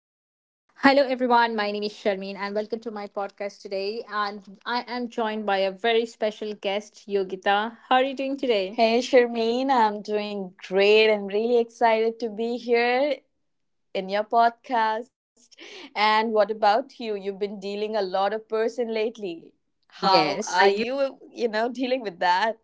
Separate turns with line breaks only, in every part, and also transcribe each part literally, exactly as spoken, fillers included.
everyone. My name is Sharmeen, and welcome to my podcast today. And I am joined by a very special guest, Yogita. How are you doing today?
Hey Sharmeen, I'm doing great and really excited to be here in your podcast. And what about you? You've been dealing a lot of person lately. How Yes.
yes.
are you, you know, dealing with that?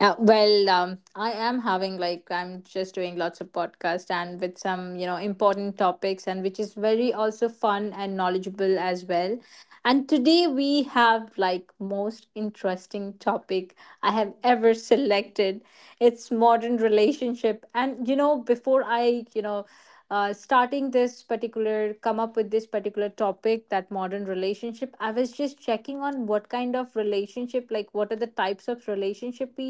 Uh, well, um, I am having like I'm just doing lots of podcasts, and with some you know important topics, and which is very also fun and knowledgeable as well. And today we have like most interesting topic I have ever selected. It's modern relationship. And you know before I you know uh, starting this particular come up with this particular topic that modern relationship, I was just checking on what kind of relationship, like what are the types of relationship we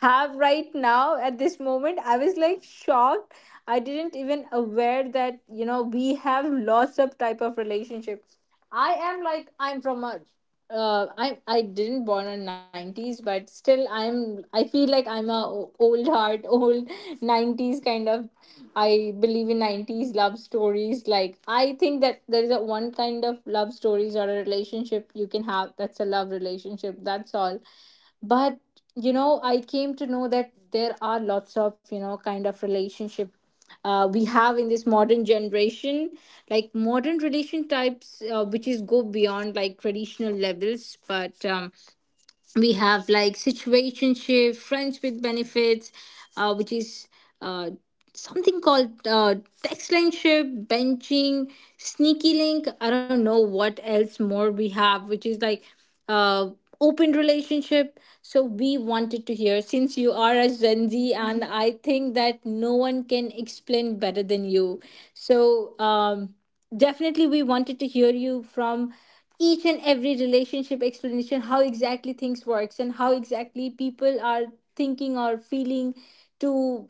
have right now at this moment. I was like shocked. I didn't even aware that you know we have lots of type of relationships. I am like I'm from a uh, I I didn't born in nineties, but still I'm I feel like I'm a o- old heart, old nineties kind of. I believe in nineties love stories. Like, I think that there is a one kind of love stories or a relationship you can have, that's a love relationship. That's all. But, you know, I came to know that there are lots of, you know, kind of relationship uh, we have in this modern generation, like modern relation types, uh, which is go beyond like traditional levels, but um, we have like situationship, friends with benefits, uh, which is uh, something called uh, text line ship, benching, sneaky link. I don't know what else more we have, which is like uh, open relationship. So we wanted to hear, since you are a gen z, and I think that no one can explain better than you. So um definitely we wanted to hear you from each and every relationship explanation, how exactly things works and how exactly people are thinking or feeling to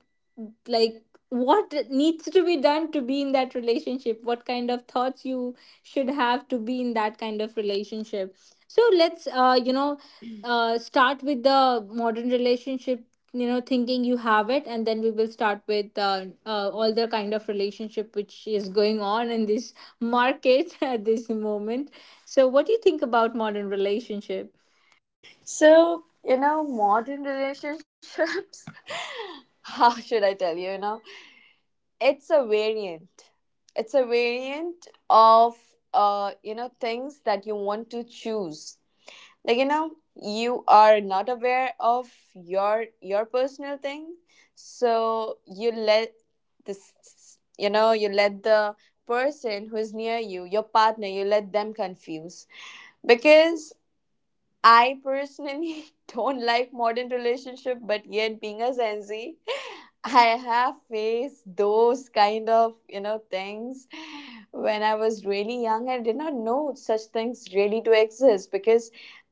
like what needs to be done to be in that relationship, what kind of thoughts you should have to be in that kind of relationship. So let's uh, you know uh, start with the modern relationship, you know thinking you have it, and then we will start with uh, uh, all the kind of relationship which is going on in this market at this moment. So what do you think about modern relationship?
So, you know, modern relationships, how should I tell you, you know, it's a variant. It's a variant of uh, you know, things that you want to choose, like you know you are not aware of your your personal thing. So you let this you know you let the person who is near you, your partner, you let them confuse, because I personally don't like modern relationship, but yet, being a Gen Z, I have faced those kind of you know things when I was really young and did not know such things really to exist, because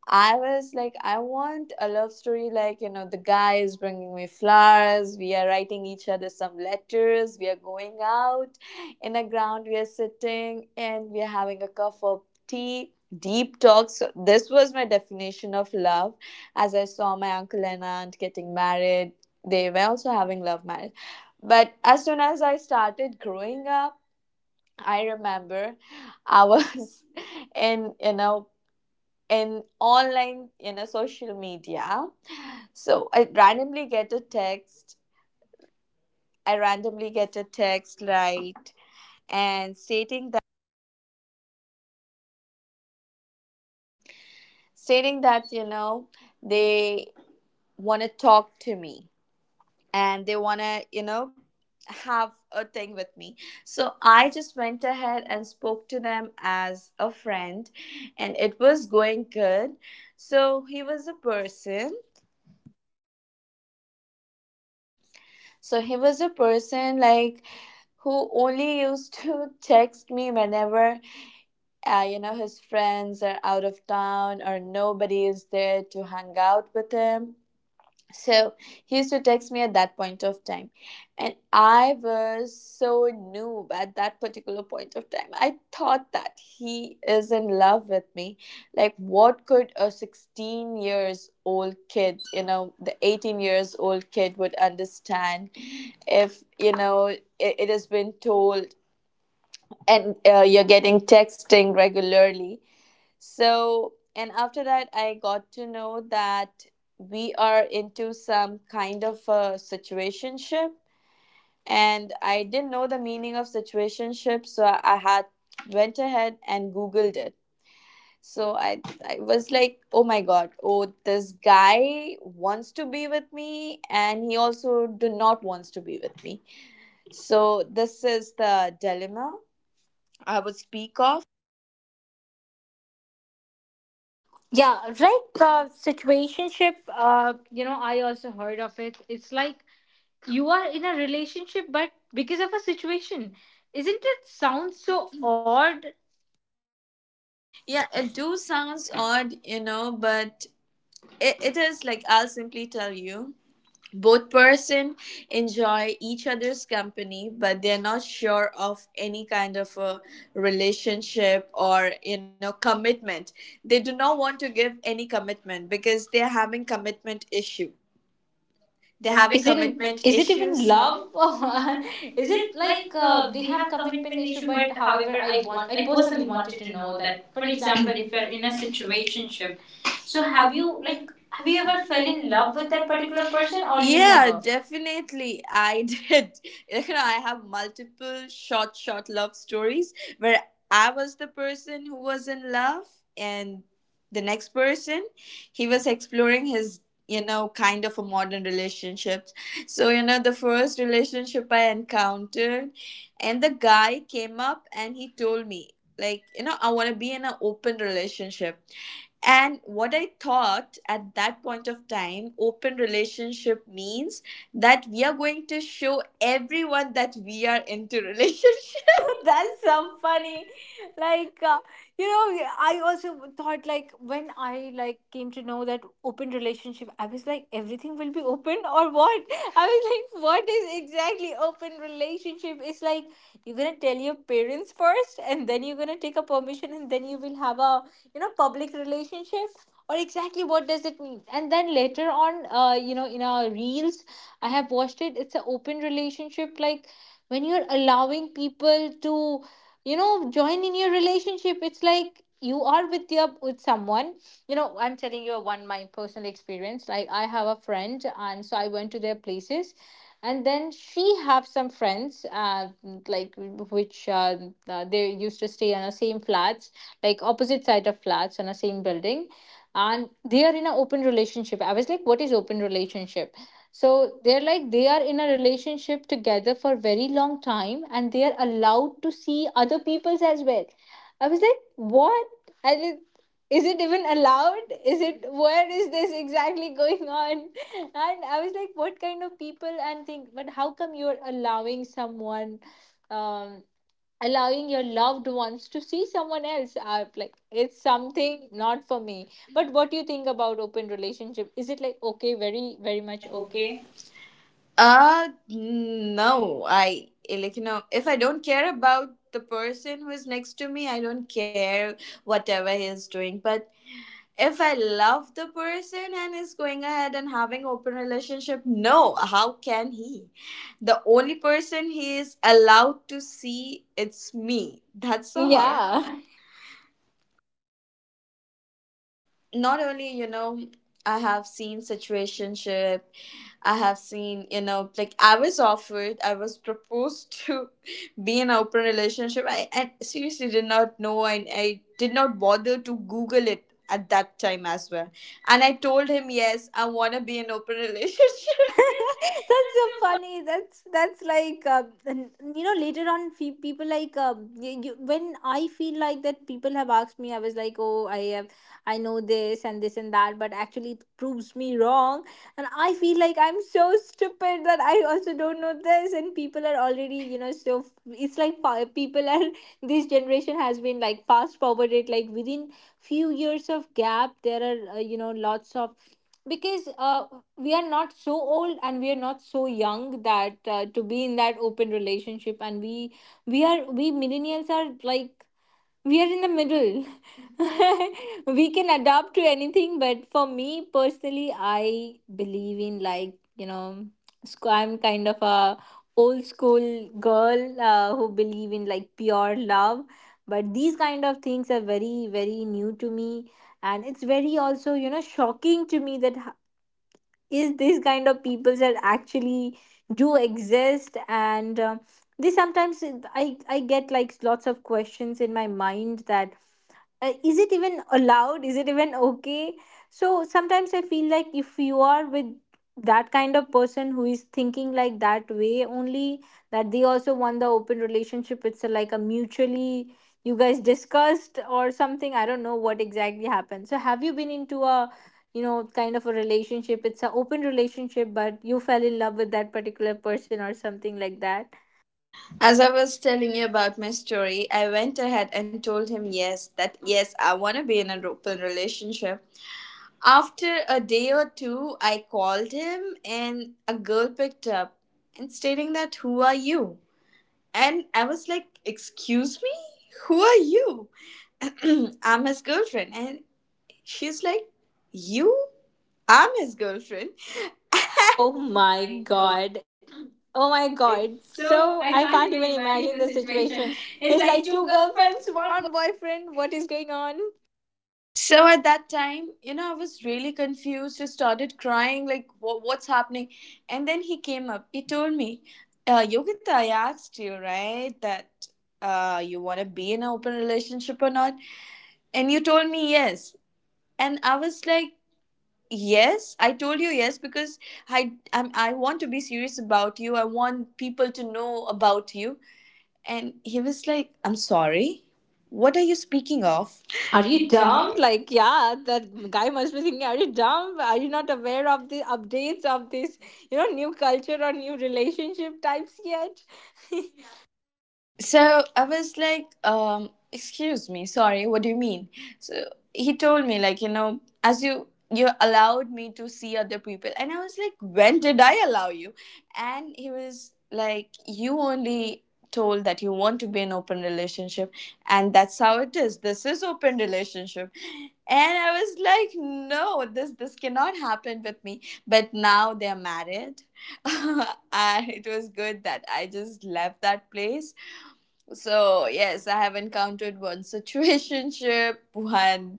I was like, I want a love story, like you know the guy is bringing me flowers, we are writing each other some letters, we are going out in a ground, we are sitting and we are having a cup of tea, deep talks. So this was my definition of love. As I saw my uncle and aunt getting married, they were also having love marriage. But as soon as I started growing up, I remember I was in, you know, in online, you know, social media. So I randomly get a text. I randomly get a text, right? And stating that, stating that, you know, they want to talk to me, and they want to, you know, have a thing with me. So I just went ahead and spoke to them as a friend, and it was going good. So he was a person. So he was a person like who only used to text me whenever uh, you know his friends are out of town or nobody is there to hang out with him. So he used to text me at that point of time. And I was so noob at that particular point of time. I thought that he is in love with me. Like, what could a sixteen years old kid, you know, the eighteen years old kid would understand if, you know, it, it has been told, and uh, you're getting texting regularly. So, and after that, I got to know that we are into some kind of a situationship, and I didn't know the meaning of situationship, so I I had went ahead and googled it. So I, I was like, oh my god, oh, this guy wants to be with me, and he also do not wants to be with me. So this is the dilemma I would speak of.
Yeah, right. Uh, situationship, uh, you know I also heard of it. It's like you are in a relationship but because of a situation. Isn't it sound so odd?
Yeah, it do sounds odd, you know, but It, it is like, I'll simply tell you, both person enjoy each other's company, but they're not sure of any kind of a relationship or you know commitment. They do not want to give any commitment because they're having commitment issue. They're having
is it
commitment
is it even
issues.
love
Love.
or is
Is
it
it like
like uh,
uh,
they
we
have
have
commitment
commitment
issue,
issue,
but
but
however
however
I
I
want,
want,
I
I
personally
personally
wanted
wanted
to
to
know
know
that,
that,
for
for
example,
example,
if
if
you're
you're
in
in
a
a
situationship,
situationship,
so
so
have
have
you
you like,
like have
have
you
you
ever
ever
fell
fell
in
in
love
love
with
with
that
that
particular
particular
person
person
or
or you
you
Yeah, know?
never?
Definitely. I did. You know, I have multiple short, short love stories where I was the person who was in love, and the next person, he was exploring his you know kind of a modern relationships. So you know the first relationship I encountered, and the guy came up and he told me, like you know I want to be in an open relationship. And what I thought at that point of time, open relationship means that we are going to show everyone that we are into relationship.
That's
That's so
so
funny.
funny. Like uh, you know, I also thought, like when I like came to know that open relationship, I was like everything will be open or what? I was like, what is exactly open relationship? It's like you're gonna tell your parents first, and then you're gonna take a permission, and then you will have a you know public relationship. Or exactly what does it mean? And then later on, uh, you know, in our reels, I have watched it. It's an open relationship, like when you're allowing people to you know join in your relationship. It's like you are with your with someone. you know I'm telling you one my personal experience. Like, I have a friend, and so I went to their places, and then she have some friends, uh, like which uh, uh, they used to stay on the same flats, like opposite side of flats on the same building, and they are in an open relationship. I was like, what is open relationship? So they're like they are in a relationship together for very long time, and they are allowed to see other people's as well. I was like, what? And it, is it even allowed? Is it, where is this exactly going on? And I was like, what kind of people and think? But how come you're allowing someone, um allowing your loved ones to see someone else? I like it's something not for me. But what do you think about open relationship? Is it like okay, very very
Very much
much okay?
okay. Uh, no. I like, you know, if I don't care about the person who is next to me, I don't care whatever he is doing. But if I love the person and is going ahead and having open relationship, no, how can he? The only person he is allowed to see it's me. That's
So
all.
yeah.
Yeah. Not only you know I have seen situationship, I have seen, you know like I was offered, I was proposed to be in an open relationship. I, I seriously did not know and I did not bother to google it at that time as well, and I told him yes, I want to be in open relationship.
That's so funny. That's that's like uh, n- you know later on, fe- people like um, y you, when I feel like that people have asked me, I was like, oh I have, I know this and this and that, but actually it proves me wrong. And I feel like I'm so stupid that I also don't know this, and people are already you know so f- it's like fa- people are this generation has been like fast forwarded like within few years of gap. There are uh, you know lots of, because uh, we are not so old and we are not so young that uh, to be in that open relationship. And we we are we millennials are like we are in the middle. We can adapt to anything, but for me personally, I believe in like you know sc- I'm kind of a old school girl, uh, who believe in like pure love. But these kind of things are very very new to me, and it's very also you know shocking to me that is this kind of people that actually do exist. And um, they sometimes i i get like lots of questions in my mind that uh, is it even allowed? Is it even okay? So sometimes I feel like if you are with that kind of person who is thinking like that way only, that they also want the open relationship, it's a, like a mutually you guys discussed or something. I don't know what exactly happened. So have you been into a you know kind of a relationship, it's an open relationship but you fell in love with that particular person or something like that?
As I was telling you about my story, I went ahead and told him yes, that yes, I want to be in an open relationship. After a day or two, I called him and a girl picked up and stating that, who are you? And I was like, excuse me? Who are you? I'm his girlfriend. And she's like, you? I'm his girlfriend.
Oh
Oh
my
my god.
god. Oh my
God.
god. So
So
I
I
can't
can't
even
even
imagine
imagine
the
the situation.
situation. It's
It's
like
like
two
two
girlfriends,
girlfriends,
one
one.
boyfriend. What is going on?
So at that time, you know, I was really confused. I started crying, like, wha- what's happening? And then he came up. He told me, uh, Yogita, I asked you, right, that uh, you want to be in an open relationship or not? And you told me yes. And I was like, yes, I told you yes, because I, I'm, I want to be serious about you. I want people to know about you. And he was like, I'm sorry. What are you speaking of?
Are
Are
you
you
dumb?
dumb?
Like, yeah, that guy must be thinking, are you dumb? Are you not aware of the updates of this, you know, new culture or new relationship types yet?
So I was like, um, excuse me, sorry, what do you mean? So he told me, like, you know, as you you allowed me to see other people. And I was like, when did I allow you? And he was like, you only told that you want to be an open relationship, and that's how it is. This is open relationship. And I was like, no, this this cannot happen with me. But now they're married. And it was good that I just left that place. So, yes, I have encountered one situationship, one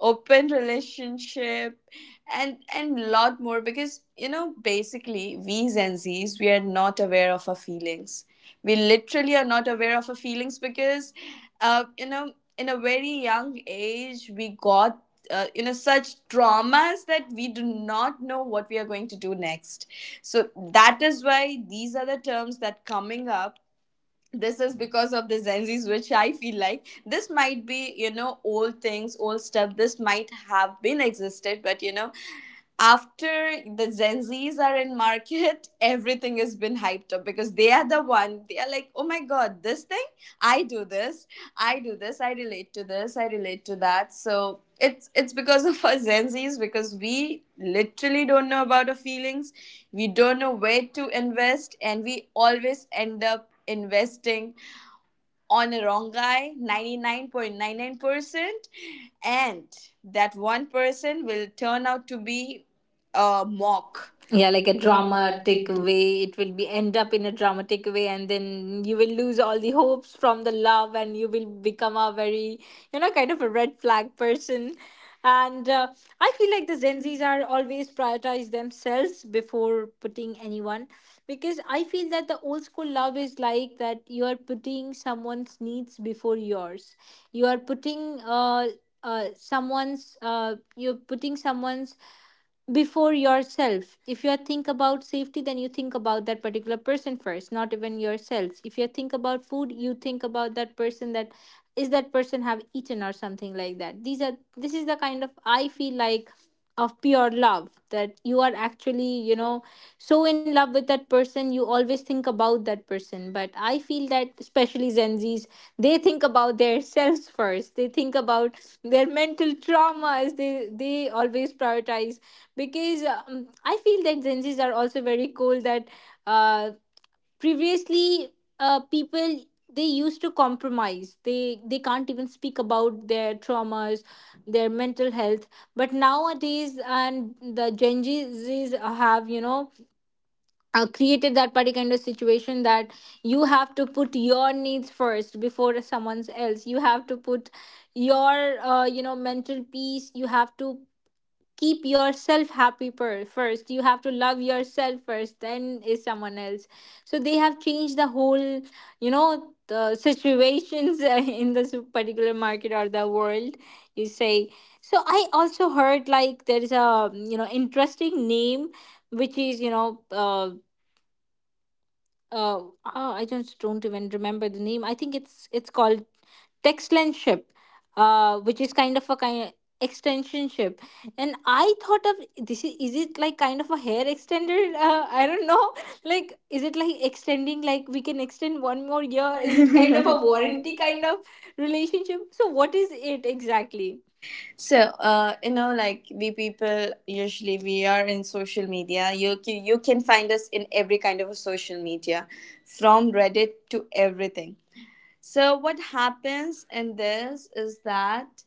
open relationship, and and lot more, because you know, basically, we Gen Zs, we are not aware of our feelings. We literally are not aware of our feelings because, uh, you know, in a very young age, we got uh, you know such traumas that we do not know what we are going to do next. So that is why these are the terms that coming up. This is because of the Gen Zs, which I feel like this might be you know old things, old stuff, this might have been existed, but you know after the Gen Zs are in market, everything has been hyped up because they are the one. They are like, oh my god, this thing, I do this, I do this, I relate to this, I relate to that. So it's it's because of us Gen Zs, because we literally don't know about our feelings, we don't know where to invest, and we always end up investing on a wrong guy ninety-nine point nine nine percent. And that one person will turn out to be a mock.
Yeah,
Yeah,
like
like
a
a
dramatic
dramatic.
way, it will be end up in a dramatic way, and then you will lose all the hopes from the love, and you will become a very you know kind of a red flag person. And uh, I feel like the gen z's are always prioritize themselves before putting anyone, because I feel that the old school love is like that you are putting someone's needs before yours. You are putting uh, uh someone's, uh you're putting someone's before yourself. If you think about safety, then you think about that particular person first, not even yourself. If you think about food, you think about that person, that is that person have eaten or something like that. These are, this is the kind of, I feel like, of pure love that you are actually you know so in love with that person. You always think about that person. But I feel that especially gen z's, they think about their selves first. They think about their mental traumas. They they always prioritize, because um, I feel that gen z's are also very cool that uh, previously, uh, people, they used to compromise. They they can't even speak about their traumas, their mental health. But nowadays, and the gen z's have you know uh, created that particular kind of situation that you have to put your needs first before someone's else. You have to put your uh, you know mental peace. You have to keep yourself happy per- first. You have to love yourself first, then is someone else. So they have changed the whole you know the situations in this particular market or the world, you say. So I also heard like there is a you know interesting name, which is you know uh, uh, ah, I just don't even remember the name. I think it's it's called Textland ship, uh, which is kind of a kind extension ship. And I thought of this is, is it like kind of a hair extender? Uh, I don't know. Like, is it like extending? Like, we can extend one more
Yeah,
year. Is
it's
it
kind
kind
of
of a
a
warranty
warranty kind of.
kind of relationship? So, what is it exactly?
So uh, you know like we people, usually we are in social media, you ca- you can find us in every kind of a social media, from Reddit to everything. So what happens in this is that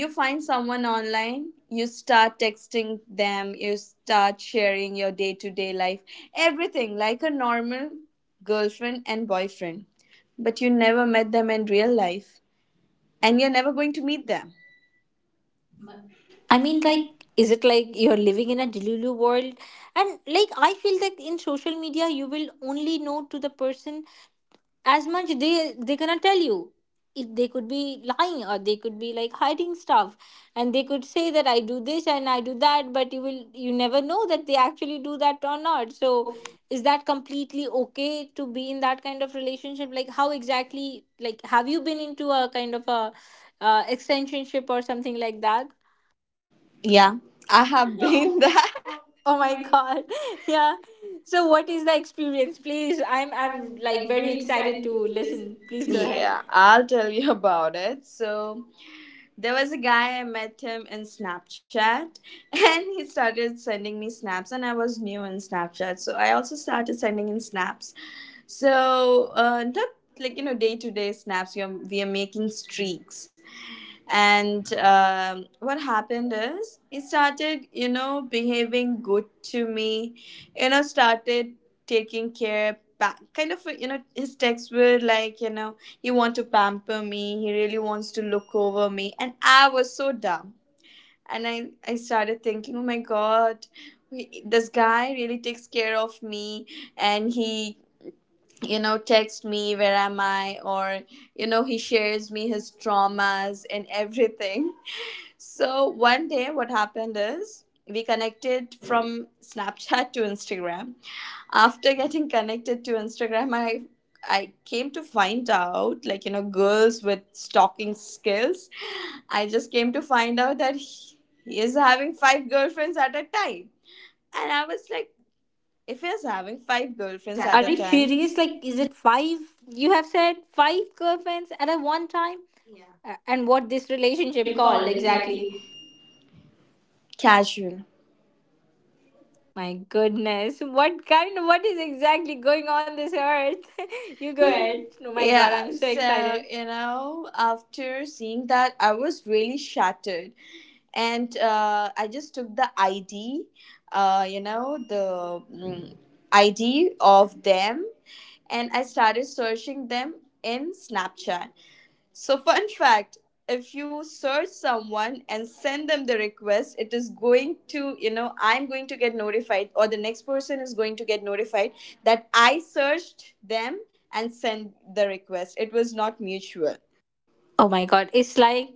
you find someone online, you start texting them, you start sharing your day to day life, everything like a normal girlfriend and boyfriend. But you never met them in real life, and you're never going to meet them.
I
I
mean,
mean,
like,
like,
is it like you're living in a Delulu world? And like, I feel that in social media, you will only know to the person as much they they cannot tell you if they could be lying or they could be like hiding stuff, and they could say that I do this and I do that, but you will you never know that they actually do that or not, so
so.
is that completely okay to be in that kind of relationship? Like, how exactly, like, have you been into a kind of a uh, extensionship or something like that?
Yeah, I have been that.
Oh
Oh
my
my god,
god. Yeah, so what is the experience? Please, i'm
I'm,
i'm
I'm
like
like
very
very
excited
excited to
to
listen.
listen. Please go
Please go.
ahead.
Yeah, I'll tell you about it. So, there was a guy, I met him in Snapchat and he started sending me snaps, and I was new in Snapchat. So I also started sending in snaps. So uh, not like you know day to day snaps. You're, we are making streaks. And um, what happened is he started, you know, behaving good to me, you know, started taking care, pa- kind of, you know, his texts were like, you know, he want to pamper me, he really wants to look over me. And I was so dumb. And I, I started thinking, oh my god, we- this guy really takes care of me. And he, you know, texts me, where am I? Or, you know, he shares me his traumas and everything. So one day, what happened is we connected from Snapchat to Instagram. After getting connected to Instagram, I I came to find out, like you know, girls with stalking skills. I just came to find out that he, he is having five girlfriends at a time, and I was like, if he's having five girlfriends at a
Are you
and time, really
serious?
is
Like,
like,
is
is
it
it fun?
five? You have said five girlfriends at a one time? A- And what this relationship
Relationship
called
called
exactly?
exactly. Casual.
My goodness, what kind of what is exactly going on this earth? You go
Go
ahead.
ahead.
Oh
No
my
problem.
god,
Yeah,
I'm
knows.
so
Take so
excited.
it. You know, after seeing that, I was really shattered, and uh, I just took the I D, uh, you know, the mm, I D of them, and I started searching them in Snapchat. So, fun fact, if you search someone and send them the request, it is going to, you know, I'm going to get notified, or the next person is going to get notified that I searched them and sent the request. It was not mutual.
Oh my god, it's like,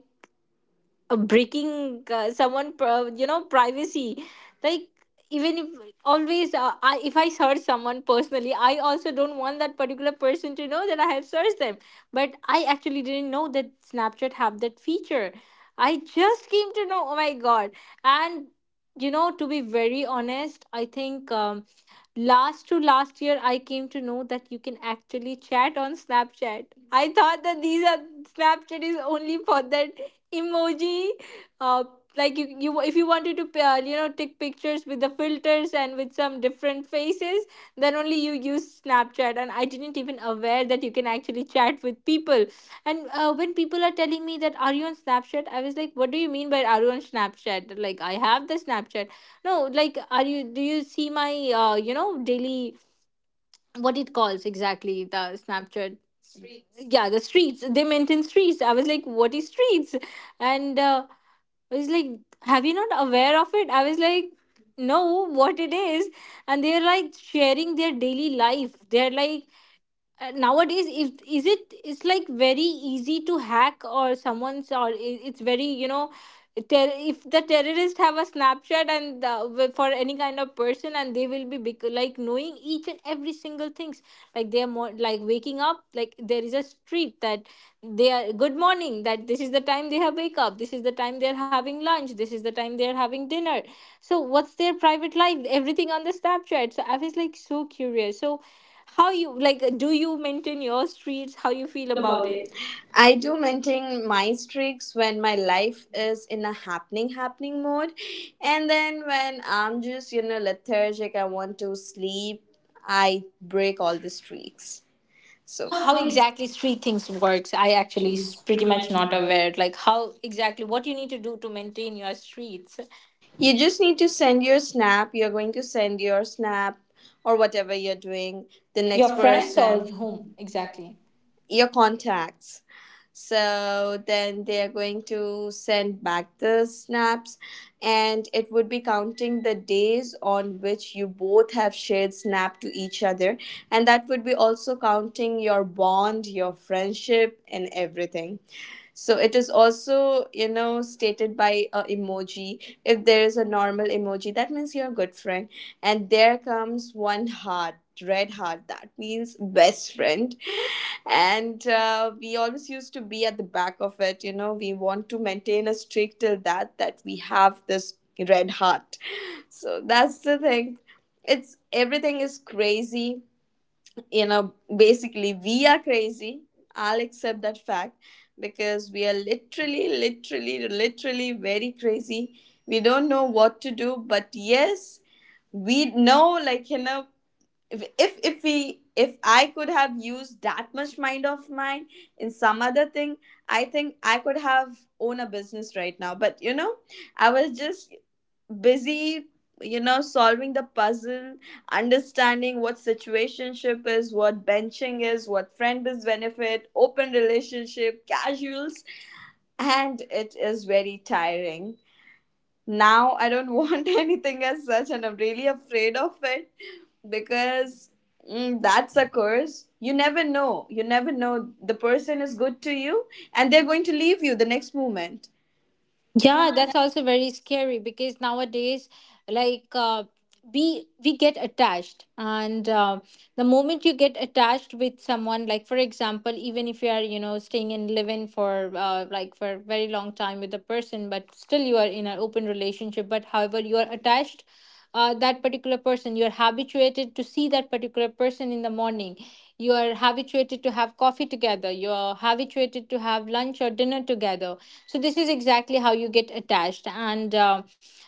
uh, breaking, uh, someone pri- you know privacy, like, even if always uh, I, if I search someone personally, I also don't want that particular person to know that I have searched them. But I actually didn't know that Snapchat have that feature. I just came to know, oh my god. And you know to be very honest, I think, um, last to last year I came to know that you can actually chat on Snapchat. I thought that these are Snapchat is only for that emoji, uh, like, you, you if you wanted to uh, you know take pictures with the filters and with some different faces, then only you use Snapchat. And I didn't even aware that you can actually chat with people. And uh, when people are telling me that, are you on Snapchat? I was like, what do you mean by are you on Snapchat? Like, I have the Snapchat. No, like, are you do you see my, uh, you know daily, what it calls exactly, the Snapchat. Streets. Yeah, the streets. They mentioned streets. I was like, what is streets? And uh, I was like, have you not aware of it? I was like, no, what it is. And they're like sharing their daily life. They're like, uh, nowadays is, is it it's like very easy to hack or someone's, or i- it's very, you know ter- if the terrorists have a Snapchat, and uh, wi- for any kind of person, and they will be bec- like knowing each and every single things, like they are more like waking up, like there is a street that they are good morning, that this is the time they have wake up, this is the time they are having lunch, this is the time they are having dinner. So what's their private life, everything on the Snapchat. So I was like so curious. So how you, like, do you maintain your streets? How you feel
Feel
about
about
it?
it. I do maintain my streaks when my life is in a happening, happening mode. And then when I'm just, you know, lethargic, I want to sleep, I break all the streaks. So,
So
so
how
how
exactly street things works? I actually
actually,
s-
it's
pretty
pretty
much
much
not
not a,
aware, like, how exactly what you need to do to maintain your streets.
you just need to send your snap, you're going to send your snap or whatever you're doing,
The
the
next
next,
your
your friends
friends or
person or
whom
whom exactly,
exactly?
your contacts. So then they are going to send back the snaps, and it would be counting the days on which you both have shared snap to each other, and that would be also counting your bond, your friendship and everything. So it is also you know stated by a emoji. If there is a normal emoji that means you're a good friend, and there comes one heart, red heart, that means best friend. And uh, we always used to be at the back of it you know we want to maintain a streak till that that we have this red heart. So that's the thing, it's everything is crazy. you know, basically, we are crazy. I'll accept that fact because we are literally, literally, literally very crazy. We don't know what to do, but yes, we know, like, you know, if if if we if i could have used that much mind of mine in some other thing, I think I could have owned a business right now but you know I was just busy you know solving the puzzle, understanding what situationship is, what benching is, what friend is benefit, open relationship, casuals. And it is very tiring. Now I don't want anything as such, and I'm really afraid of it because mm, that's a curse. You never know. You never know. The person is good to you, and they're going to leave you the next moment. Yeah.
Yeah,
that-
that's also very scary because nowadays, like, uh, we we get attached. And uh, the moment you get attached with someone, like, for example, even if you are you know staying in live-in for, uh, like, for a very long time with a person, but still you are in an open relationship. But however, you are attached. Uh, that particular person, you are habituated to see that particular person in the morning, you are habituated to have coffee together, you are habituated to have lunch or dinner together. So this is exactly how you get attached. And uh,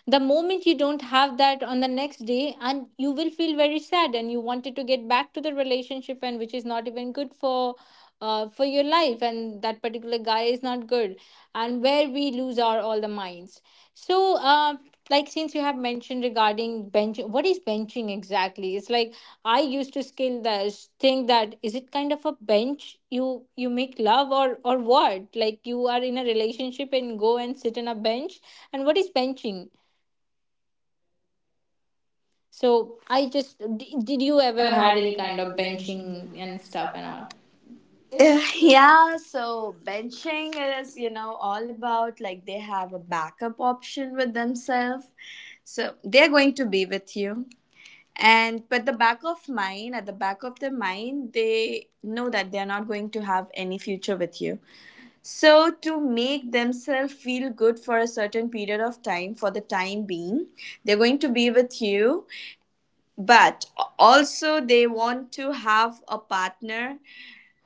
the moment you don't have that on the next day, and you will feel very sad, and you wanted to get back to the relationship, and which is not even good for, uh, for your life, and that particular guy is not good, and where we lose our all the minds. So, uh, like, since you have mentioned regarding bench, what is benching exactly? It's like, I used to scale the, think that, is it kind of a bench? You you make love, or or what? Like, you are in a relationship and go and sit on a bench, and what is benching? So
So
I
I
just
just
d- did
did
you
you
ever
ever
had
had
any
any
kind
kind
of
of benching
benching and
and
stuff
stuff
and all?
around? Uh, yeah, so benching is, you know, all about, like, they have a backup option with themselves. So they're going to be with you. And, but the back of mind at the back of their mind they know that they are not going to have any future with you. So to make themselves feel good for a certain period of time, for the time being, they're going to be with you. But also they want to have a partner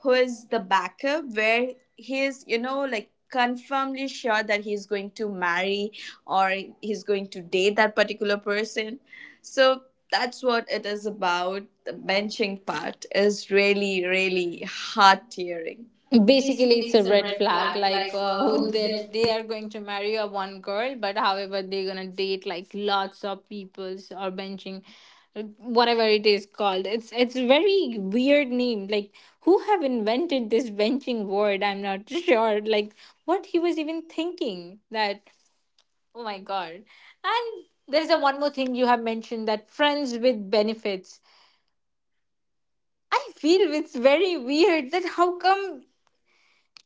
who is the backup, where he is, you know, like, confirmly sure that he's going to marry, or he's going to date that particular person. So that's what it is. About the benching part, is really, really heart tearing.
Basically,
Basically,
it's
it's
a
a
red
red
flag,
flag
like,
like,
uh,
uh,
who,
who
that
they.
they are going to marry a one girl, but however they're gonna date like lots of peoples, or benching, uh, whatever it is called. It's it's a very weird name, like, who have invented this benching word? I'm not sure, like, what he was even thinking that? Oh my god. And there's a one more thing you have mentioned, that friends with benefits. I feel it's very weird that how come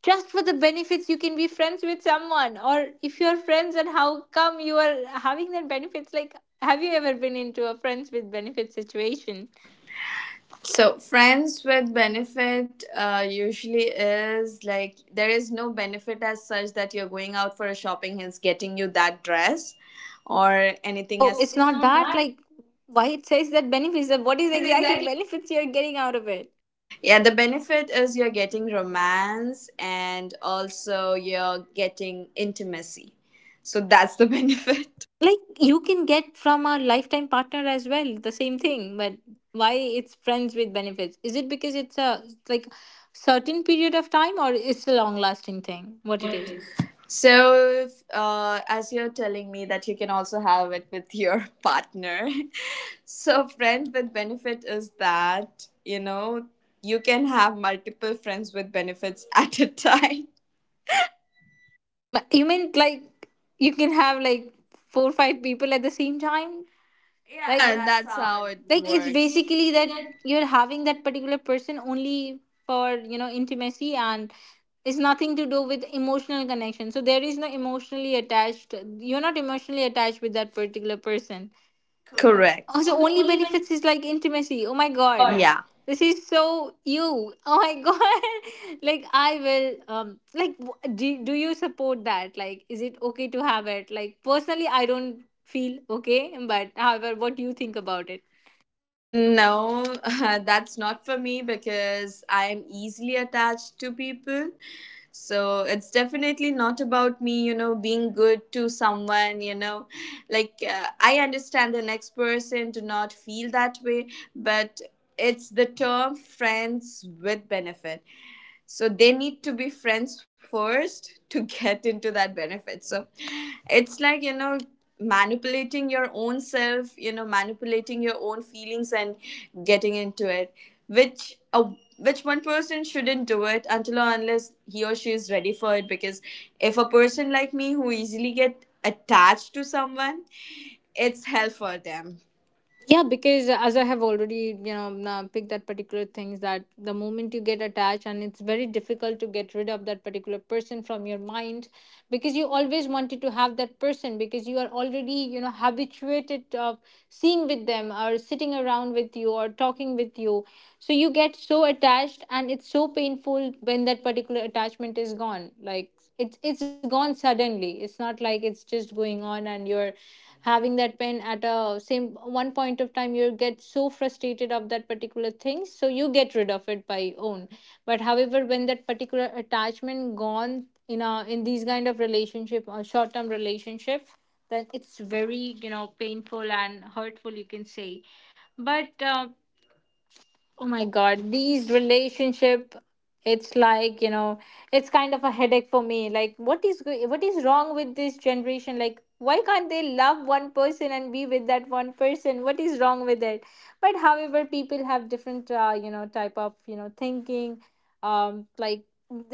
just for the benefits you can be friends with someone? Or if you're friends, and how come you are having that benefits? Like, have you ever been into a friends with benefits situation?
So, friends with benefit uh, usually is like there is no benefit as such, that you're going out for a shopping, he's getting you that dress or
Thing,
anything
oh else.
as. Oh,
It's
it's
not
not
that.
that.
Like, why it says that benefits, and what is
What is
exactly
exactly?
benefits you're getting out of it?
Yeah, the benefit is you're getting romance and also you're getting intimacy. So, that's the benefit.
Like, you can get from a lifetime partner as well, the same thing. But why it's friends with benefits? Is it because it's a, like, certain period of time, or it's a long lasting thing? What
What
it
it
is?
is. So, if, uh, as you're telling me that you can also have it with your partner, so, friends with benefit is that, you know, you can have multiple friends with benefits at a time.
Ma- You mean, like, you can have like four or five people at the same time? Yeah, like,
Yeah,
that's
that's
how
how
it.
it, which
Like,
is
it's works,
works.
basically,
Basically
that
that.
you're having that particular person only for, you know, intimacy, and it's nothing to do with emotional connection. So there is no emotionally attached. You're not emotionally attached with that particular person.
Correct.
Also,
Also,
only
only benefit.
benefits is like intimacy. Oh my god.
God.
Yeah.
Yeah.
This is so you. Oh my god. Like, I will, um like, w- do, do you support that? Like, is it okay to have it? Like, personally, I don't feel okay, but however, what do you think about it?
No, that's not for me because I'm easily attached to people. So it's definitely not about me, you know, being good to someone, you know. Like, uh, I understand the next person to not feel that way, but it's the term friends with benefit, so they need to be friends first to get into that benefit. So it's like you know manipulating your own self you know manipulating your own feelings and getting into it, which a which one person shouldn't do it until or unless he or she is ready for it, because if a person like me who easily get attached to someone, it's hell for them.
Yeah, because as I have already, you know, na- picked that particular things, that the moment you get attached, and it's very difficult to get rid of that particular person from your mind, because you always wanted to have that person, because you are already, you know, habituated of seeing with them, or sitting around with you, or talking with you. So you get so attached, and it's so painful when that particular attachment is gone. Like, it's it's gone suddenly. It's not like it's just going on, and you're having that pen at a same one point of time, you get so frustrated of that particular thing, so you get rid of it by own. But however, when that particular attachment gone in a, in these kind of relationship or short term relationship, then it's very, you know painful and hurtful, you can say. But, uh, oh my god, these relationship, it's like, you know, it's kind of a headache for me. Like, what is go- what is wrong with this generation? Like, why can't they love one person and be with that one person? What is wrong with it? But however, people have different, uh, you know, type of, you know, thinking. Um, like,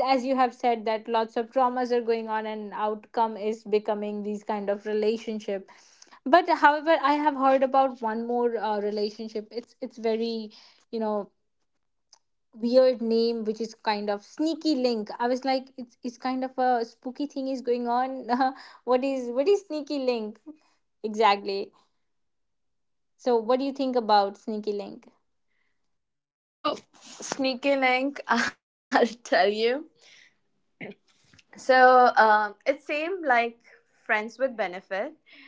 as you have said that lots of traumas are going on, and outcome is becoming these kind of relationship. But however, I have heard about one more, uh, relationship. It's it's very, you know weird name, which is kind of sneaky link. I was like, it's, it's kind of a spooky thing is going on. What is, what is sneaky link exactly? So what do you think about sneaky link?
So sneaky link, I'll tell you. So um, it seemed like friends with benefit,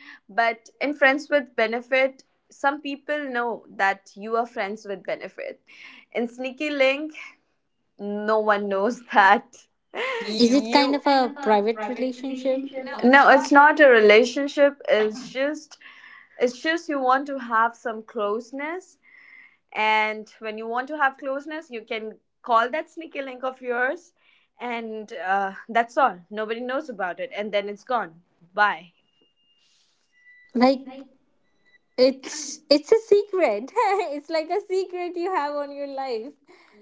but in friends with benefit, some people know that you are friends with benefit. In sneaky link, no one knows that
Is, you, it kind
you
of
kind
a
of a
private
private
relationship,
relationship. No, it's not a relationship. It's just, it's just you want to have some closeness, and when you want to have closeness, you can call that sneaky link of yours, and uh, that's all. Nobody knows about it, and then it's gone. Bye.
like,
Right.
it's it's a secret? It's like a secret you have on your life.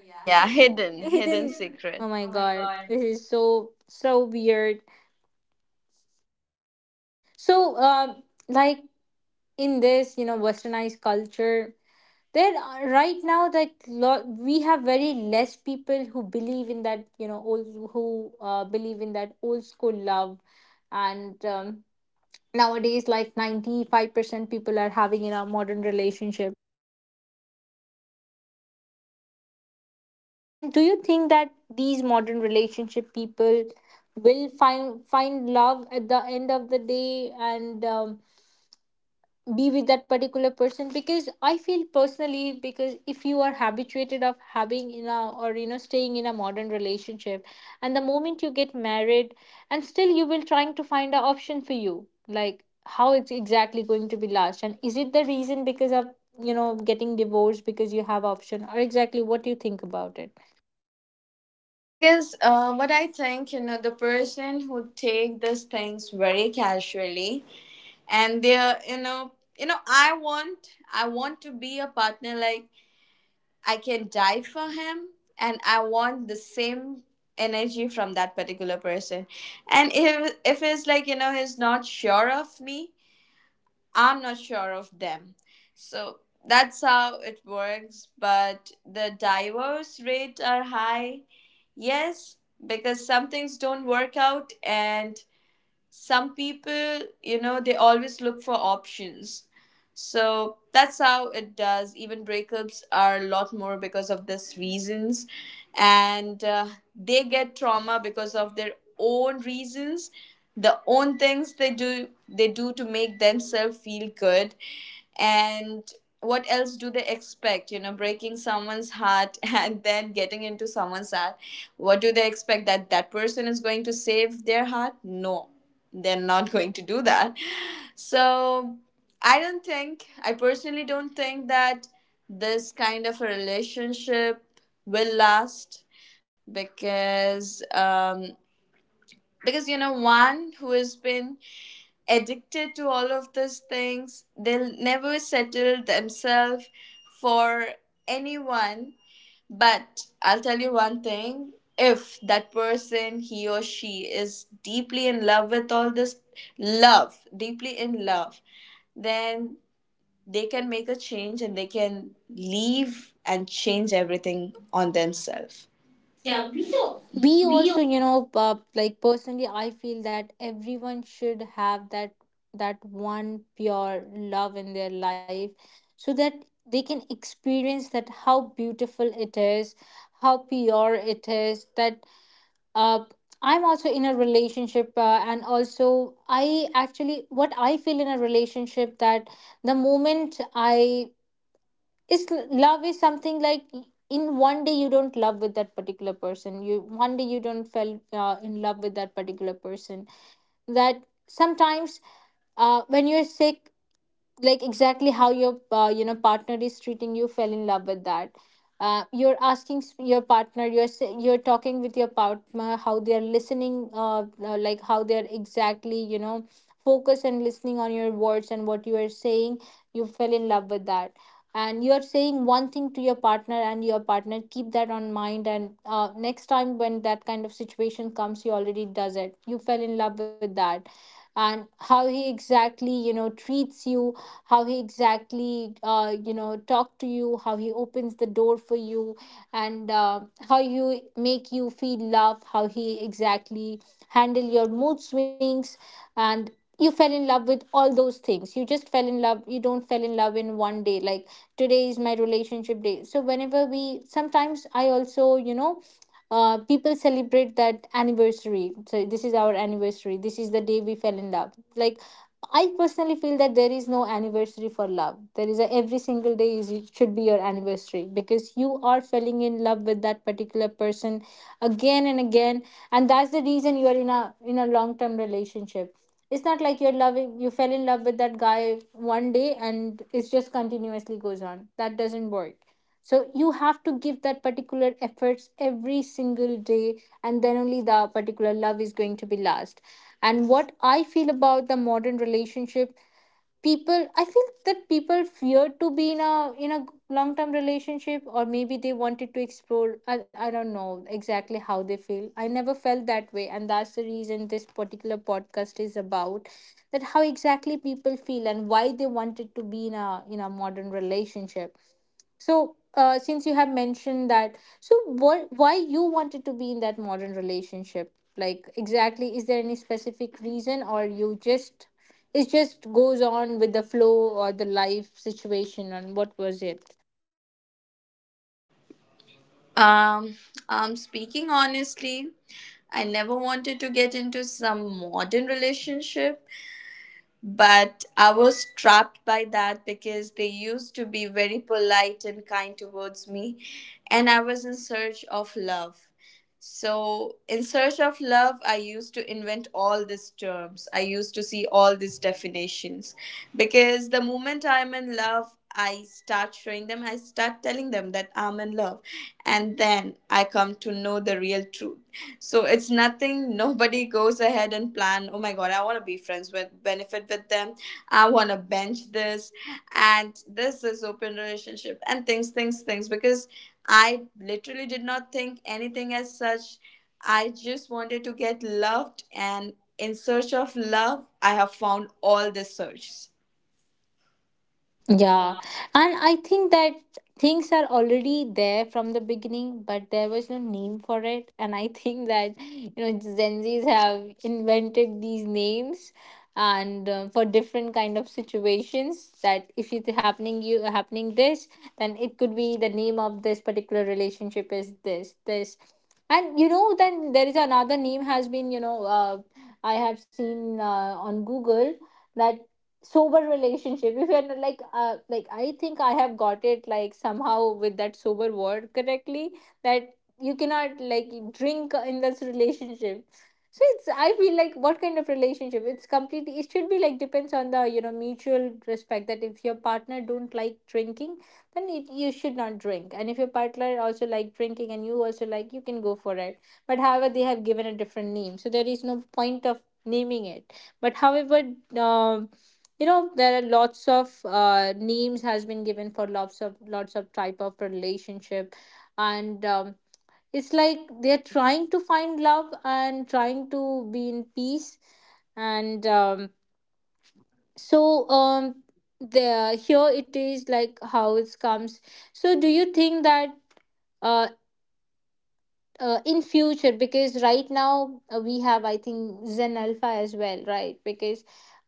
Yeah,
Yeah,
hidden,
hidden,
hidden, hidden,
hidden
Secret.
secret.
Oh my
Oh my
god,
god.
this is so so weird. So um like in this you know westernized culture, there are right now like lo- we have very less people who believe in that you know old who uh, believe in that old school love. And um, Nowadays like ninety-five percent people are having in a modern relationship. And do you think that these modern relationship people will find find love at the end of the day? And um, Be with that particular person, because I feel personally, because if you are habituated of having in a, or you know, staying in a modern relationship, and the moment you get married, and still you will trying to find an option for you, like how it's exactly going to be last? And is it the reason because of, you know, getting divorced because you have option? Or exactly what do you think about it?
Because uh, what I think, you know, the person who take these things very casually, and they're, you know, you know, I want, I want to be a partner like I can die for him, and I want the same energy from that particular person. And if if it's like, you know, he's not sure of me, I'm not sure of them. So that's how it works. But the divorce rate are high. Yes, because some things don't work out, and some people, you know they always look for options. So that's how it does. Even breakups are a lot more because of this reasons, and uh, they get trauma because of their own reasons, the own things they do they do to make themselves feel good. And what else do they expect you know breaking someone's heart and then getting into someone's heart. What do they expect, that that person is going to save their heart? No, they're not going to do that. So i don't think i personally don't think that this kind of a relationship will last, because um, because you know one who has been addicted to all of these things, they'll never settle themselves for anyone. But I'll tell you one thing, if that person, he or she, is deeply in love with all this, love deeply in love, then they can make a change, and they can leave and change everything on themselves. Yeah, we do,
We
we
also, you know uh, like personally I feel that everyone should have that, that one pure love in their life, so that they can experience that how beautiful it is, how pure it is. That uh, I'm also in a relationship uh, and also, I actually, what I feel in a relationship, that the moment I is, love is something like, in one day you don't love with that particular person, you one day you don't fell uh, in love with that particular person, that sometimes, uh, when you're sick, like exactly how your uh, you know partner is treating you, fell in love with that. Uh, you're asking s- your partner, you're s- you're talking with your partner, how they are listening, uh, uh, like how they are exactly, you know, focus and listening on your words and what you are saying, you fell in love with that. And you are saying one thing to your partner, and your partner keep that on mind, and uh, next time when that kind of situation comes, he already does it, you fell in love with that. And how he exactly, you know, treats you, how he exactly, uh, you know, talk to you, how he opens the door for you, and uh, how you make you feel love, how he exactly handle your mood swings. And you fell in love with all those things, you just fell in love. You don't fell in love in one day. Like today is my relationship day, so whenever we sometimes, I also, you know, uh, people celebrate that anniversary, so this is our anniversary, this is the day we fell in love. Like, I personally feel that there is no anniversary for love. There is a, every single day is, it should be your anniversary, because you are falling in love with that particular person again and again, and that's the reason you are in a, in a long term relationship. It's not like you're loving, you fell in love with that guy one day and it's just continuously goes on. That doesn't work. So you have to give that particular efforts every single day, and then only the particular love is going to be last. And what I feel about the modern relationship people, I feel that people fear to be in a, in a long term relationship, or maybe they wanted to explore. I, I don't know exactly how they feel. I never felt that way, and that's the reason this particular podcast is about that, how exactly people feel and why they wanted to be in a, in a modern relationship. So, uh, since you have mentioned that, so what, why you wanted to be in that modern relationship? Like exactly, is there any specific reason, or you just, it just goes on with the flow or the life situation, and what was it?
Um, I'm speaking honestly. I never wanted to get into some modern relationship, but I was trapped by that because they used to be very polite and kind towards me, and I was in search of love. So, in search of love, I used to invent all these terms. I used to see all these definitions, because the moment I'm in love, I start showing them, I start telling them that I'm in love, and then I come to know the real truth. So it's nothing, nobody goes ahead and plan, oh my god, I want to be friends with, benefit with them. I want to bench this. And this is open relationship and things, things, things. Because I literally did not think anything as such. I just wanted to get loved. And in search of love, I have found all the searches.
Yeah, and I think that things are already there from the beginning, but there was no name for it. And I think that, you know, Gen Zs have invented these names, and uh, for different kind of situations, that if it's happening, you happening this, then it could be, the name of this particular relationship is this, this. And you know, then there is another name has been, you know, uh, I have seen uh, on Google that sober relationship, if you're not like, uh like I think I have got it like somehow with that sober word correctly, that you cannot like drink in this relationship. So it's, I feel like, what kind of relationship? It's completely, it should be like depends on the, you know, mutual respect, that if your partner don't like drinking, then it, you should not drink. And if your partner also like drinking, and you also like, you can go for it. But however they have given a different name, so there is no point of naming it. But however, um you know, there are lots of uh, names has been given for lots of lots of type of relationship. And um, it's like they're trying to find love and trying to be in peace. And um, so um, The here it is, like how it comes. So do you think that, uh, uh, in future, because right now uh, we have, I think Zen Alpha as well, right? because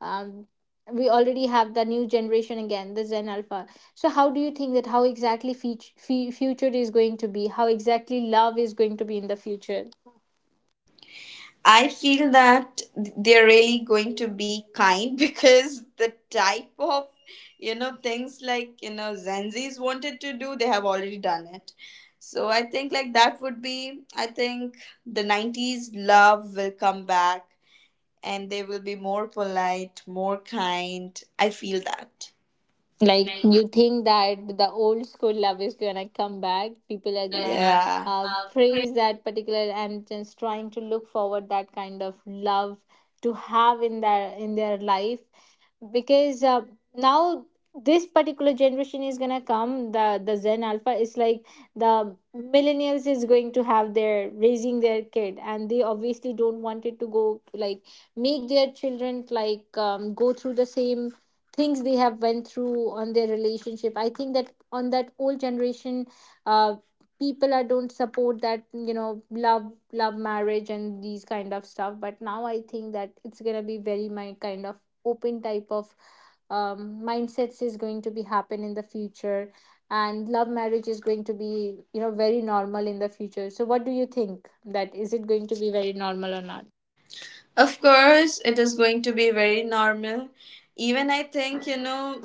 um, we already have the new generation, again the Zen Alpha. So how do you think that, how exactly feat- fe- future is going to be, how exactly love is going to be in the future?
I feel that they're really going to be kind because the type of you know things like you know Zenzis wanted to do, they have already done it. So I think, like, that would be, I think, the nineties love will come back, and they will be more polite, more kind. I feel that.
Like,
Like,
you think that the old school love is gonna come back, people are
people are,
gonna
yeah.
uh, praise that particular and just trying to look forward that kind of love to have in their, in their life. Because uh, now this particular generation is gonna come, the the Zen Alpha is like the millennials is going to have their, raising their kid, and they obviously don't want it to go like, make their children like um, go through the same things they have went through on their relationship. I think that on that old generation, uh people are don't support that, you know, love love marriage and these kind of stuff. But now I think that it's gonna be very my kind of open type of um, mindsets is going to be happen in the future. And love marriage is going to be, you know, very normal in the future. So what do you think, that is it going to be very normal or not?
Of course, it is going to be very normal. Even I think, you know,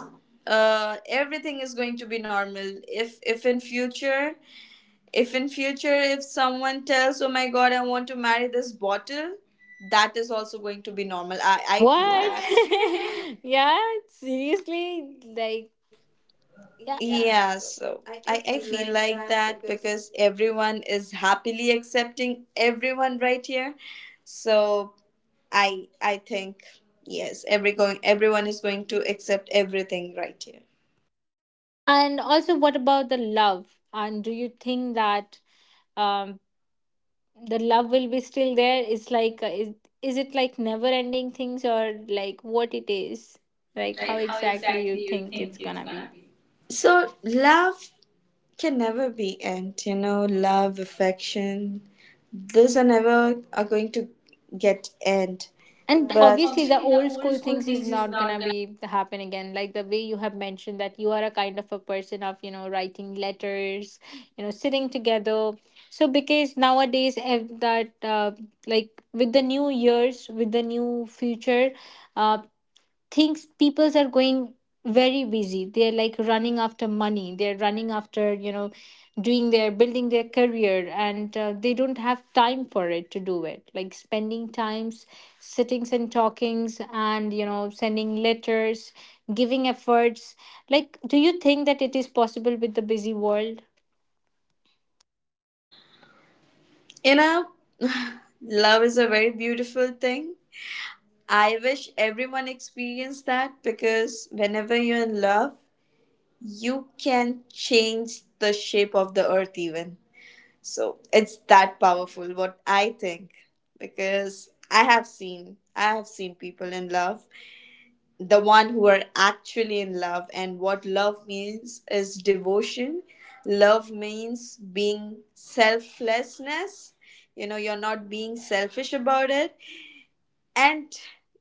uh, everything is going to be normal. If, if in future, if in future, if someone tells, "Oh my God, I want to marry this bottle," that is also going to be normal. I I feel
What?
that. What?
Yeah, seriously. Like, yeah.
Yeah. So. I, I feel like that because everyone is happily accepting everyone right here. So I I think yes, every going everyone is going to accept everything right here.
And also, what about the love, and do you think that um the love will be still there? It's like, uh, is, is it like never ending things, or like what it is, like how
Like, how
exactly you
exactly you
think it's
think it's
gonna
gonna
be?
be? So love can never be end, you know, love, affection. Those are never are going to get end.
And
And
right,
But
obviously the
obviously, the
old
old
school
school
things is
things is
not gonna
not gonna.
be happen again, like the way you have mentioned that you are a kind of a person of, you know, writing letters, you know, sitting together. So because nowadays, ev- that uh, like with the new years, with the new future, uh, things, peoples are going very busy, they're like running after money, they're running after, you know, doing their, building their career, and uh, they don't have time for it, to do it like spending times, sittings and talkings, and you know, sending letters, giving efforts. Like, do you think that it is possible with the busy world?
you know, love is a very beautiful thing. I wish everyone experienced that, because whenever you're in love, you can change the shape of the earth even. So it's that powerful, what I think, because i have seen i have seen people in love. The one who are actually in love, and what love means is devotion. Love means being selflessness, you know you're not being selfish about it. And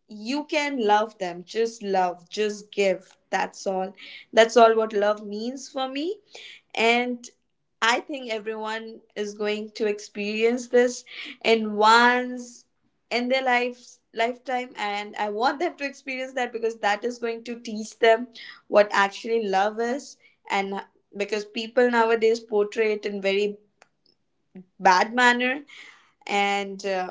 you can love them, just love, just give, that's all. That's all what love means for me. And I think everyone is going to experience this in once in their life lifetime, and I want them to experience that because that is going to teach them what actually love is. And uh, because people nowadays portray it in very bad manner. And uh,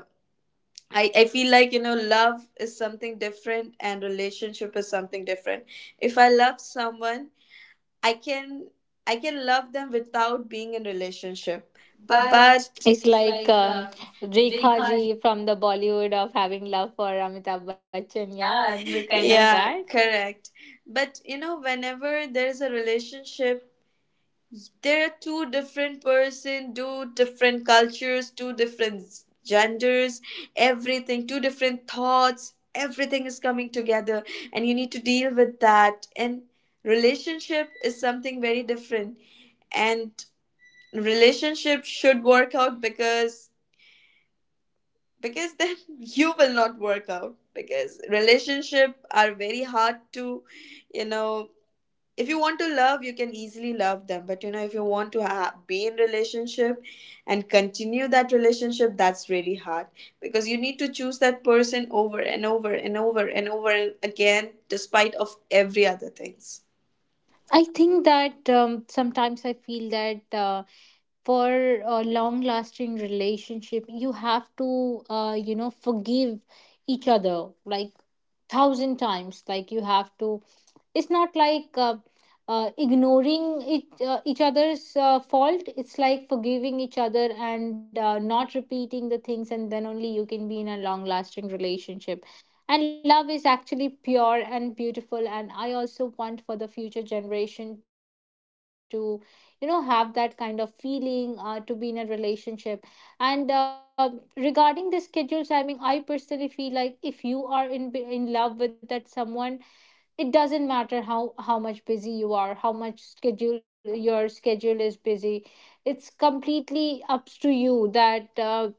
I, I feel like, you know love is something different, and relationship is something different. If I love someone, i can i can love them without being in relationship. But
It's
it's
like
like,
um,
um,
Rekha
Rekha ji,
ji from the Bollywood of having love for Amitabh Bachchan, yeah,
yeah,
the
look
kind
at,
of that.
yeah, correct. But, you know whenever there's a relationship, there are two different person, two different cultures, two different genders, everything, two different thoughts. Everything is coming together, and you need to deal with that. And relationship is something very different. And relationship should work out, because because then you will not work out, because relationship are very hard to, you know if you want to love, you can easily love them, but you know if you want to ha- be in relationship and continue that relationship, that's really hard. Because you need to choose that person over and over and over and over again, despite of every other things.
I think that um, sometimes I feel that, uh, for a long lasting relationship, you have to, uh, you know, forgive each other like thousand times. Like you have to, it's not like, uh, uh, ignoring each, uh, each other's uh, fault. It's like forgiving each other and uh, not repeating the things, and then only you can be in a long lasting relationship. And love is actually pure and beautiful. And I also want for the future generation to, you know, have that kind of feeling uh, to be in a relationship. And uh, regarding the schedules, I mean, I personally feel like if you are in in love with that someone, it doesn't matter how how much busy you are, how much schedule, your schedule is busy. It's completely up to you that uh,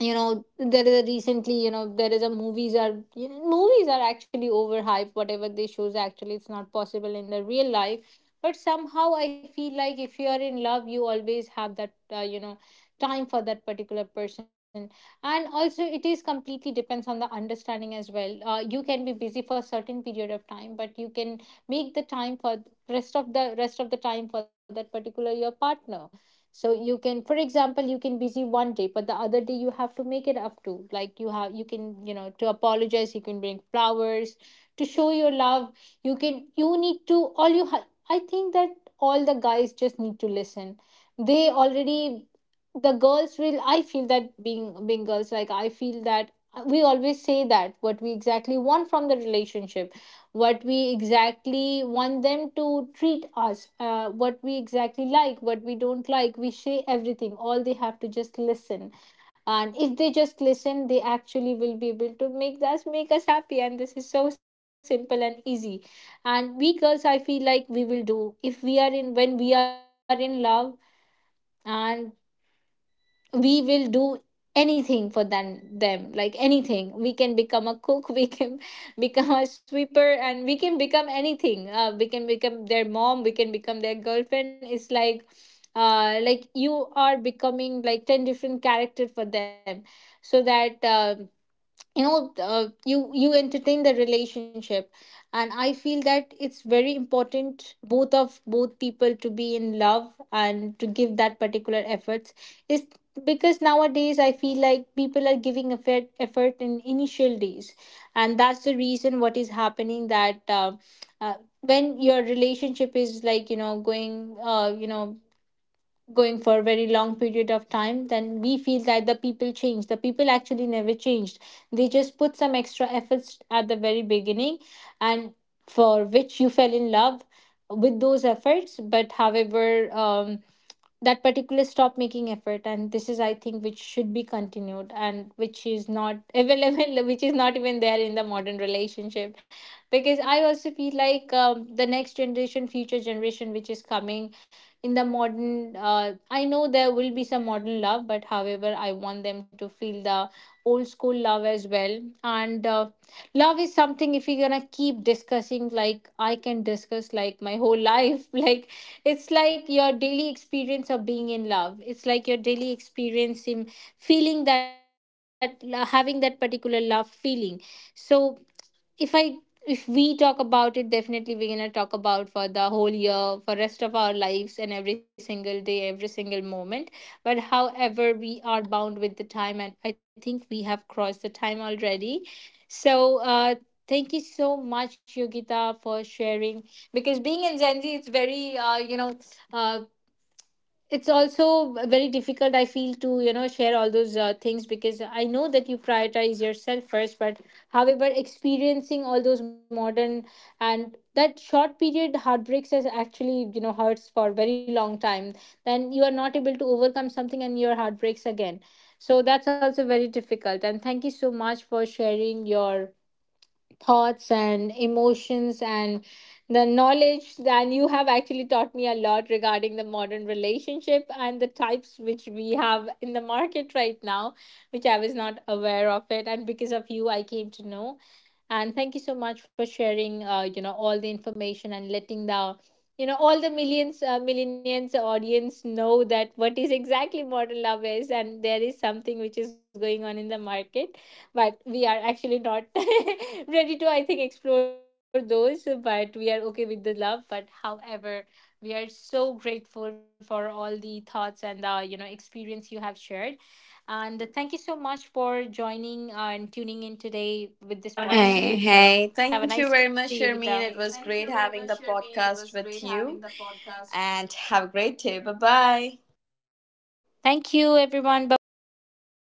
you know, there is a recently, you know, there is a movies are, you know, movies are actually overhyped. Whatever they shows, actually it's not possible in the real life, but somehow I feel like if you are in love, you always have that uh, you know, time for that particular person. And also it is completely depends on the understanding as well. Uh, you can be busy for certain period of time, but you can make the time for rest of the rest of the time for that particular, your partner. So you can, for example, you can busy one day, but the other day you have to make it up to, like you have, you can, you know, to apologize, you can bring flowers to show your love. You can, you need to, all you have, I think that all the guys just need to listen. They already, the girls will, I feel that, being being girls, like I feel that, uh, we always say that what we exactly want from the relationship, what we exactly want them to treat us, uh, what we exactly like, what we don't like. We say everything. All they have to just listen. And if they just listen, they actually will be able to make us make us happy. And this is so simple and easy. And we girls, I feel like we will do, if we are in, when we are in love, and we will do anything for them them, like anything, we can become a cook, we can become a sweeper, and we can become anything, uh, we can become their mom, we can become their girlfriend. It's like, uh like you are becoming like ten different characters for them, so that uh, you know uh, you, you entertain the relationship. And I feel that it's very important, both of, both people to be in love and to give that particular efforts is, because nowadays I feel like people are giving effort effort in initial days. And that's the reason what is happening, that uh, uh, when your relationship is like, you know, going, uh, you know going for a very long period of time, then we feel that the people change. The people actually never changed, they just put some extra efforts at the very beginning. And for which you fell in love with those efforts. But however, um, that particular, stop making effort. And this is, I think, which should be continued, and which is not available, which is not even there in the modern relationship. Because I also feel like, um, the next generation, future generation, which is coming in the modern, uh, I know there will be some modern love, but however I want them to feel the old school love as well. And uh, love is something, if you're gonna keep discussing, like I can discuss like my whole life. Like, it's like your daily experience of being in love. It's like your daily experience in feeling that, having that particular love feeling. So if I, if we talk about it, definitely we're gonna talk about for the whole year, for rest of our lives, and every single day, every single moment. But however, we are bound with the time, and I think we have crossed the time already. So uh thank you so much, Yogita, for sharing. Because being in Gen Z, it's very, uh, you know, uh, it's also very difficult, I feel, to you know, share all those uh, things, because I know that you prioritize yourself first. But however, experiencing all those modern, and that short period heartbreaks is actually, you know, hurts for a very long time. Then you are not able to overcome something, and your heart breaks again. So that's also very difficult. And thank you so much for sharing your thoughts and emotions and the knowledge. And you have actually taught me a lot regarding the modern relationship and the types which we have in the market right now, which I was not aware of it. And because of you, I came to know. And thank you so much for sharing, uh, you know, all the information, and letting the, you know, all the millions, uh, millions audience know that what is exactly modern love is, and there is something which is going on in the market. But we are actually not ready to, I think, explore those, but we are okay with the love. But however, we are so grateful for all the thoughts and the, you know, experience you have shared. And thank you so much for joining and tuning in today with
Have a
this
nice hey day.
podcast. Thank
Hey,
you.
thank you
Have a
very much,
nice day,
Sharmeen,
Yogita.
it was great having the podcast with you, and have a great day. Bye bye.
Thank you, everyone. Bye